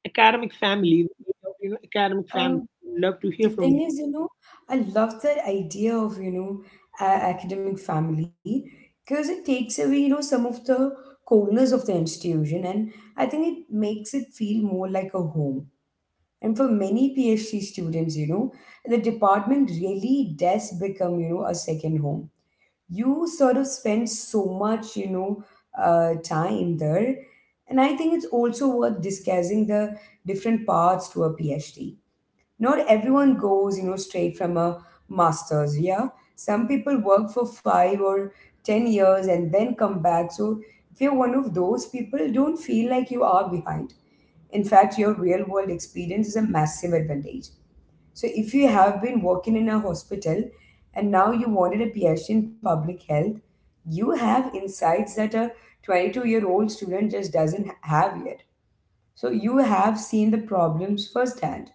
Speaker 2: academic family, academic family.
Speaker 1: Um,
Speaker 2: Love to hear
Speaker 1: the
Speaker 2: from you.
Speaker 1: thing is, I love that idea of, a academic family because it takes away, some of the coldness of the institution, and I think it makes it feel more like a home. And for many PhD students, the department really does become, a second home. You sort of spend so much, time there. And I think it's also worth discussing the different paths to a PhD. Not everyone goes, straight from a master's, yeah. Some people work for 5 or 10 years and then come back. So if you're one of those people, don't feel like you are behind. In fact, your real world experience is a massive advantage. So if you have been working in a hospital and now you wanted a PhD in public health, you have insights that a 22-year-old student just doesn't have yet. So you have seen the problems firsthand.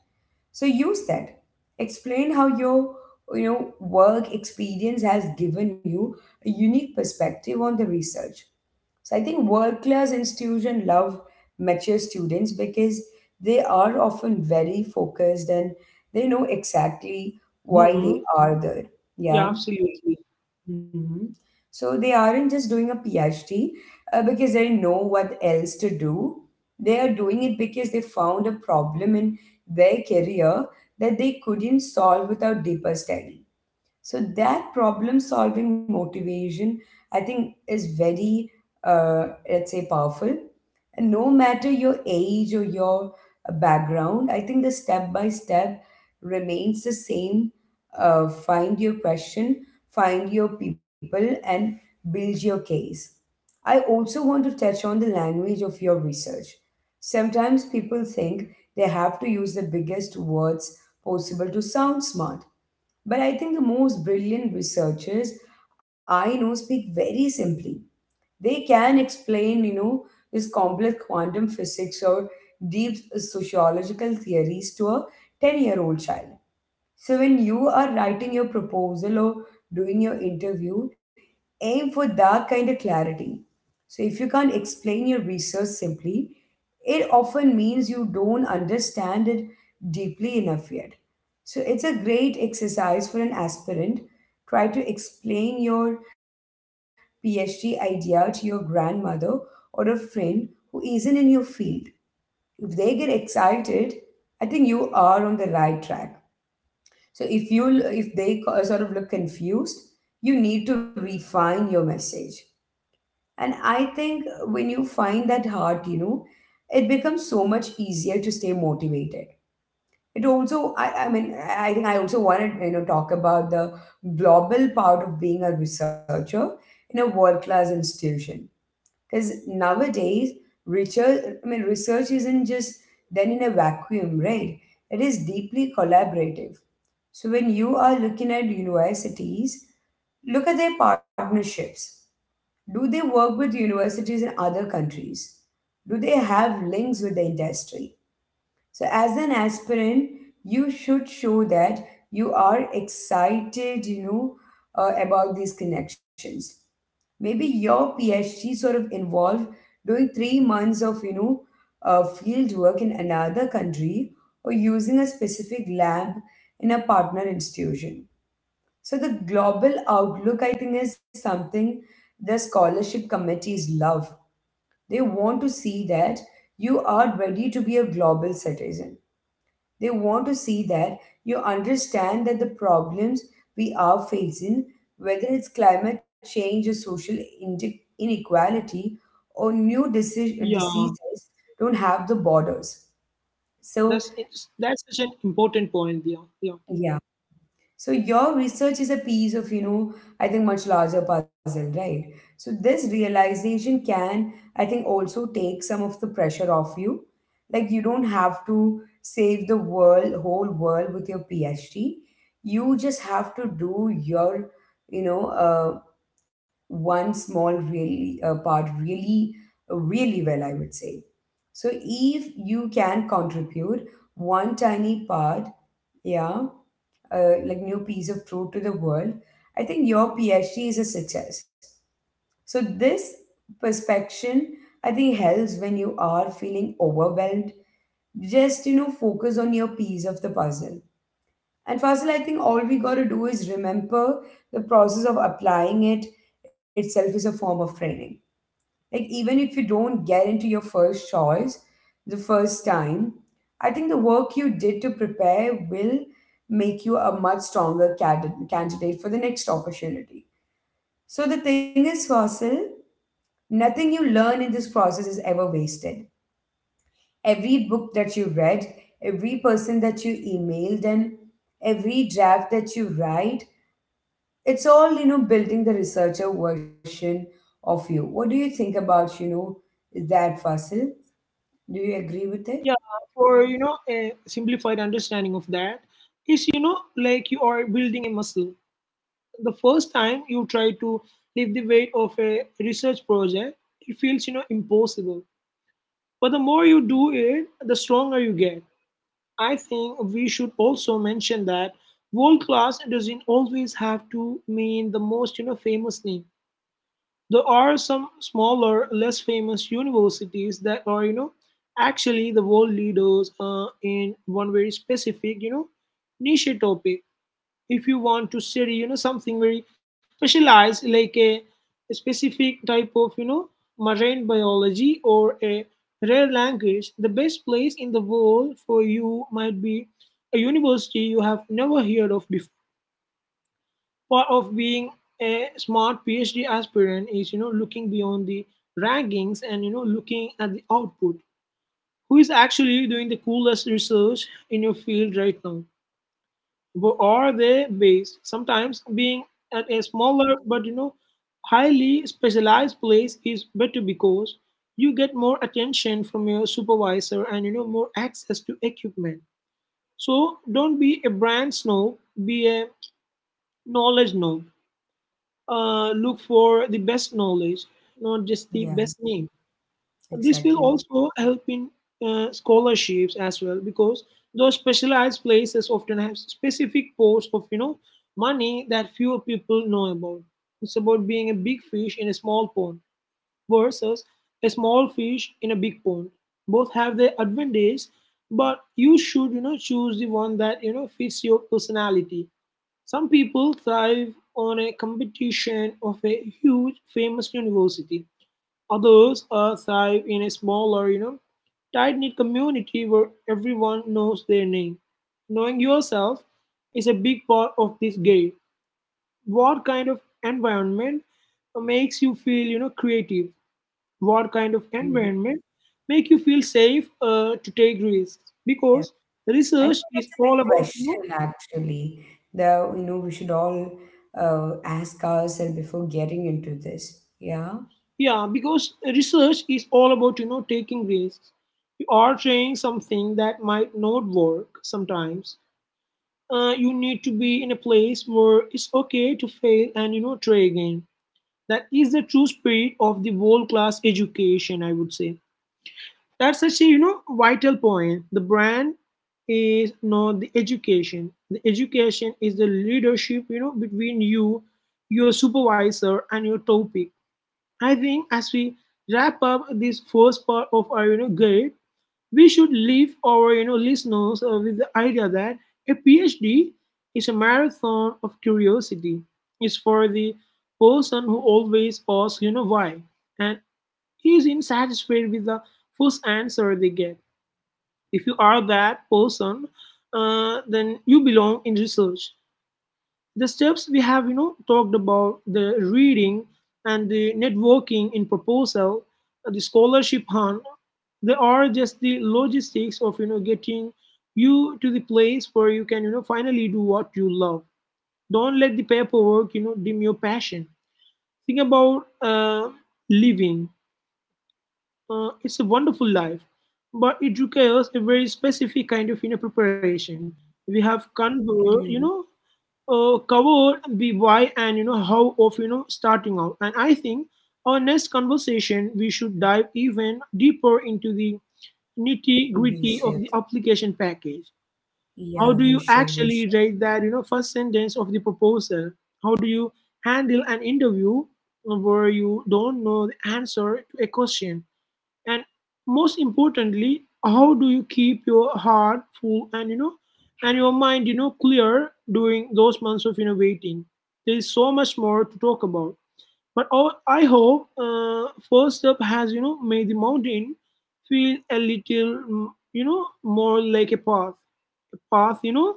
Speaker 1: So you said, explain how your work experience has given you a unique perspective on the research. So I think world class institution love mature students because they are often very focused and they know exactly why
Speaker 2: Hmm.
Speaker 1: they are there.
Speaker 2: Yeah,
Speaker 1: Yeah.
Speaker 2: absolutely.
Speaker 1: Hmm. So they aren't just doing a PhD because they know what else to do. They are doing it because they found a problem in their career that they couldn't solve without deeper study. So that problem solving motivation, I think, is very, uh, let's say, powerful. And no matter your age or your background, I think the step by step remains the same. Find your question, find your people, and build your case. I also want to touch on the language of your research. Sometimes people think they have to use the biggest words possible to sound smart, but I think the most brilliant researchers I know speak very simply. They can explain this complex quantum physics or deep sociological theories to a 10-year-old child. So when you are writing your proposal or doing your interview, aim for that kind of clarity. So if you can't explain your research simply, it often means you don't understand it deeply enough yet. So it's a great exercise for an aspirant. Try to explain your PhD idea to your grandmother or a friend who isn't in your field. If they get excited, I think you are on the right track. So if you if they sort of look confused, you need to refine your message. And I think when you find that heart, it becomes so much easier to stay motivated. It also, I mean, I think I also wanted to, talk about the global part of being a researcher in a world class institution because nowadays, research, I mean, research isn't just done in a vacuum, right? It is deeply collaborative. So when you are looking at universities, look at their partnerships. Do they work with universities in other countries? Do they have links with the industry? So, as an aspirant, you should show that you are excited, about these connections. Maybe your PhD sort of involved doing 3 months of, field work in another country or using a specific lab in a partner institution. So the global outlook, I think, is something the scholarship committees love. They want to see that you are ready to be a global citizen. They want to see that you understand that the problems we are facing, whether it's climate change or social inequality or new
Speaker 2: Yeah,
Speaker 1: diseases, don't have the borders. So,
Speaker 2: that's such an important point. Yeah, yeah,
Speaker 1: yeah. So your research is a piece of, I think much larger puzzle, right? So this realization can, I think, also take some of the pressure off you. Like you don't have to save the world, whole world with your PhD. You just have to do your, you know, uh, one small really part really, really well, I would say. So if you can contribute one tiny part, yeah, like new piece of fruit to the world. I think your PhD is a success. So this perspection, I think, helps when you are feeling overwhelmed. Just focus on your piece of the puzzle. And Fazil, I think all we got to do is remember the process of applying it itself is a form of training. Like, even if you don't get into your first choice the first time, I think the work you did to prepare will make you a much stronger candidate for the next opportunity. So, the thing is, Fossil, nothing you learn in this process is ever wasted. Every book that you read, every person that you emailed, and every draft that you write, it's all, building the researcher version of you. What do you think about, that, Fasil? Do you agree
Speaker 2: yeah.
Speaker 1: with it?
Speaker 2: For a simplified understanding of that is like you are building a muscle. The first time you try to lift the weight of a research project, it feels impossible. But the more you do it, the stronger you get. I think we should also mention that world class doesn't always have to mean the most, you know, famous thing. There are some smaller, less famous universities that are, you know, actually the world leaders in one very specific, you know, niche topic. If you want to study something very specialized, like a specific type of marine biology or a rare language, the best place in the world for you might be a university you have never heard of before. Part of being a smart PhD aspirant is looking beyond the rankings and looking at the output. Who is actually doing the coolest research in your field right now? Where are they based? Sometimes being at a smaller but highly specialized place is better, because you get more attention from your supervisor and more access to equipment. So don't be a brand snob, be a knowledge snob. Look for the best knowledge, not just
Speaker 1: Yeah,
Speaker 2: the best name. This will
Speaker 1: exactly.
Speaker 2: also help in scholarships as well, because those specialized places often have specific pools of money that fewer people know about. It's about being a big fish in a small pond versus a small fish in a big pond. Both have their advantage, but you should choose the one that fits your personality. Some people thrive on a competition of a huge famous university. Others thrive in a smaller, you know, tight knit community where everyone knows their name. Knowing yourself is a big part of this game. What kind of environment makes you feel, you know, creative? What kind of
Speaker 1: Mhm.
Speaker 2: environment make you feel safe to take risks?
Speaker 1: Yeah,
Speaker 2: Because
Speaker 1: I think
Speaker 2: research
Speaker 1: that's a
Speaker 2: is
Speaker 1: big
Speaker 2: all about,
Speaker 1: question
Speaker 2: you know,
Speaker 1: actually. The you know We should all ask ourselves before getting into this. Yeah.
Speaker 2: Yeah, because research is all about, you know, taking risks. You are trying something that might not work sometimes. You need to be in a place where it's okay to fail and try again. That is the true spirit of the world class education, I would say. That's such a vital point. The brand is not the education. The education is the leadership, you know, between you, your supervisor, and your topic. I think as we wrap up this first part of our guide, we should leave our listeners with the idea that a PhD is a marathon of curiosity. It's for the person who always asks why, and is insatisfied with the first answer they get. If you are that person, then you belong in research. The steps we have talked about, the reading and the networking in proposal, the scholarship hunt, they are just the logistics of getting you to the place where you can finally do what you love. Don't let the paperwork dim your passion. Think about living. It's a wonderful life, but it requires a very specific kind of preparation. We have
Speaker 1: Mhm.
Speaker 2: convert you know covered the why and how of starting out, and I think our next conversation we should dive even deeper into the
Speaker 1: We
Speaker 2: nitty
Speaker 1: should.
Speaker 2: gritty of the application package.
Speaker 1: Yeah, we
Speaker 2: How do
Speaker 1: should.
Speaker 2: you
Speaker 1: We should.
Speaker 2: actually write that, you know, first sentence of the proposal? How do you handle an interview where you don't know the answer to a question? And most importantly, how do you keep your heart full and and your mind, you know, clear during those months of waiting? There is so much more to talk about. But our, I hope First Up has, you know, made the mountain feel a little, you know, more like a path. A path, you know,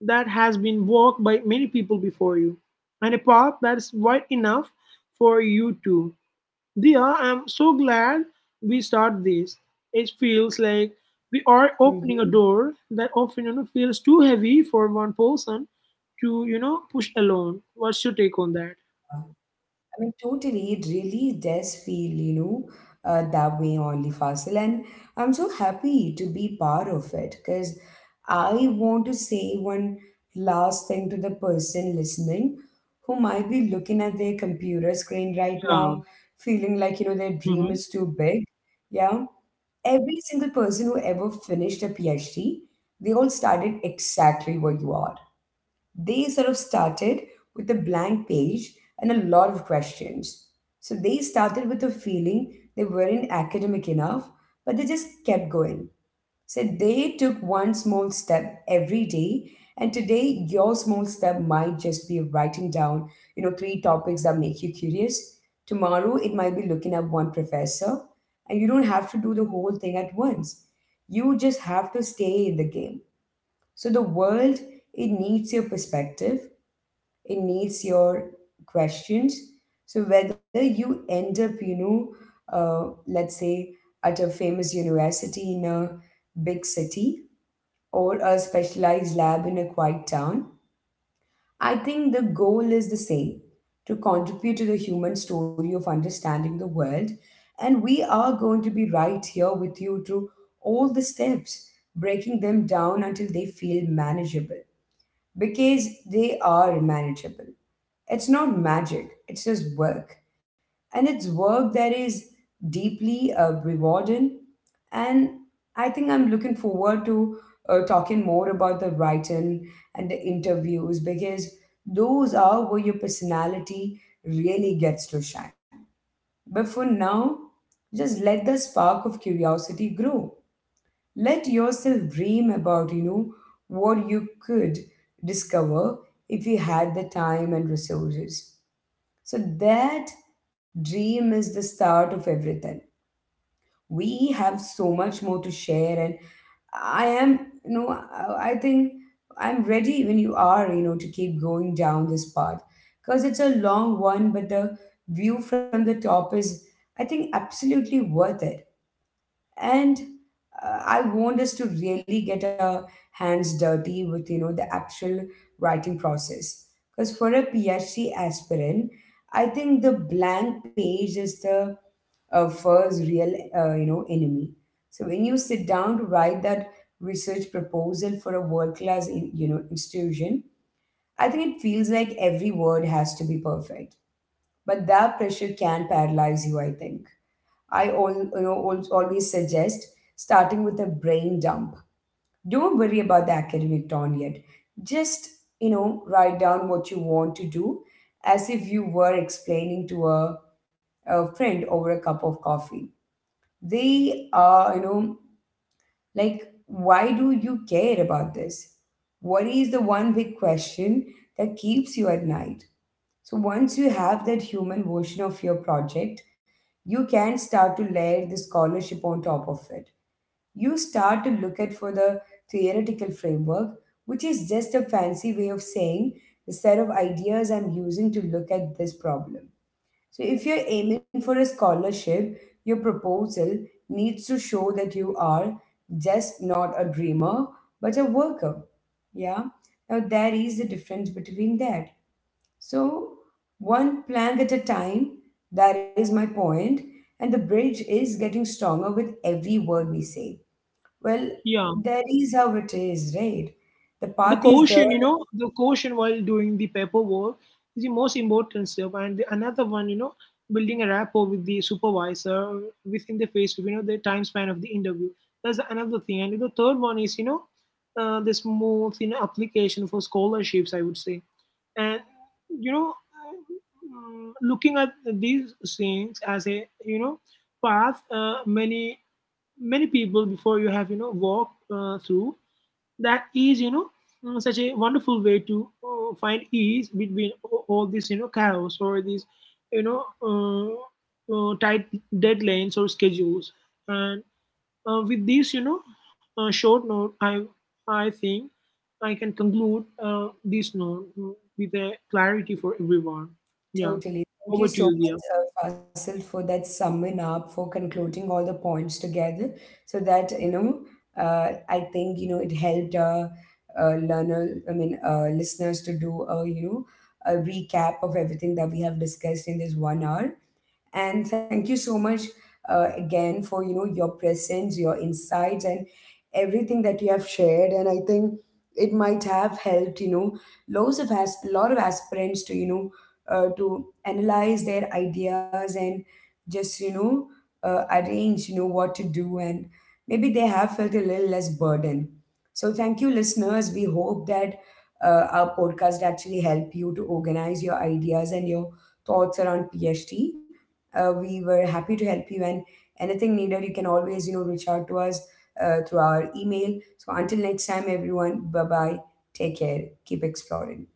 Speaker 2: that has been walked by many people before you. And a path that's wide enough for you too. Dia, I'm so glad we start this. It feels like we are
Speaker 1: Hmm.
Speaker 2: opening a door that often, you know, feels too heavy for one person to, you know, push alone. What's your take on that?
Speaker 1: I mean, totally, it really does feel, that way only, Fasil. And I'm so happy to be part of it because I want to say one last thing to the person listening who might be looking at their computer screen right now, feeling like, their dream
Speaker 2: Yeah.
Speaker 1: is too big. Yeah.
Speaker 2: Mm-hmm.
Speaker 1: Every single person who ever finished a PhD, they all started exactly where you are. They sort of started with a blank page and a lot of questions. So they started with a feeling they weren't academic enough, but they just kept going. So they took one small step every day, and today your small step might just be writing down, three topics that make you curious. Tomorrow it might be looking up one professor, and you don't have to do the whole thing at once. You just have to stay in the game. So the world, it needs your perspective, it needs your questions. So whether you end up, let's say at a famous university in a big city or a specialized lab in a quiet town, I think the goal is the same, to contribute to the human story of understanding the world. And we are going to be right here with you through all the steps, breaking them down until they feel manageable because they are manageable. It's not magic, it's just work. And it's work that is deeply rewarding. And I think I'm looking forward to talking more about the writing and the interviews because those are where your personality really gets to shine. But for now, just let the spark of curiosity grow. Let yourself dream about what you could discover if you had the time and resources. So that dream is the start of everything. We have so much more to share, and I am, I think I'm ready when you are, to keep going down this path because it's a long one, but the view from the top is, I think, absolutely worth it. And I want us to really get our hands dirty with the actual writing process because for a PhD aspirant, I think the blank page is the first real, enemy. So when you sit down to write that research proposal for a world class, institution, I think it feels like every word has to be perfect, but that pressure can paralyze you, I think. I all, you know, al- always suggest starting with a brain dump. Don't worry about the academic turn yet. Just, write down what you want to do as if you were explaining to a friend over a cup of coffee. They are, like, why do you care about this? What is the one big question that keeps you at night? So once you have that human version of your project, you can start to layer the scholarship on top of it. You start to look at for the theoretical framework, which is just a fancy way of saying the set of ideas I'm using to look at this problem. So if you're aiming for a scholarship, your proposal needs to show that you are just not a dreamer, but a worker. Yeah. Now there is a difference between that. So, one plank at a time, that is my point, and the bridge is getting stronger with every word we say. Well,
Speaker 2: Yeah.
Speaker 1: that is how it is, right? The
Speaker 2: The
Speaker 1: path is there,
Speaker 2: quotient, you know, the quotient while doing the paperwork is the most important stuff. And the, another one, you know, building a rapport with the supervisor within the phase, you know, the time span of the interview. That's another thing. And the third one is, you know, the smooth, you know, application for scholarships, I would say. And, you know, looking at these things as a, you know, path, many, many people before you have, you know, walked through, that is such a wonderful way to find ease between all this chaos or these you know uh, tight deadlines or schedules. And with this short note, I think I can conclude this note, with a clarity for everyone. Yeah.
Speaker 1: totally. Thank
Speaker 2: Over
Speaker 1: you
Speaker 2: to
Speaker 1: so
Speaker 2: you, Dia.
Speaker 1: much, Fasil, for that summing up, for concluding all the points together, so that, I think, it helped our learner, I mean, listeners to do a, a recap of everything that we have discussed in this one hour. And thank you so much again for your presence, your insights, and everything that you have shared, and I think it might have helped lots of, as lot of aspirants to to analyze their ideas and just arrange what to do, and maybe they have felt a little less burden. So thank you listeners. We hope that our podcast actually help you to organize your ideas and your thoughts around PhD. We were happy to help you, and anything needed, you can always, reach out to us through our email. So until next time, everyone, bye bye. Take care. Keep exploring.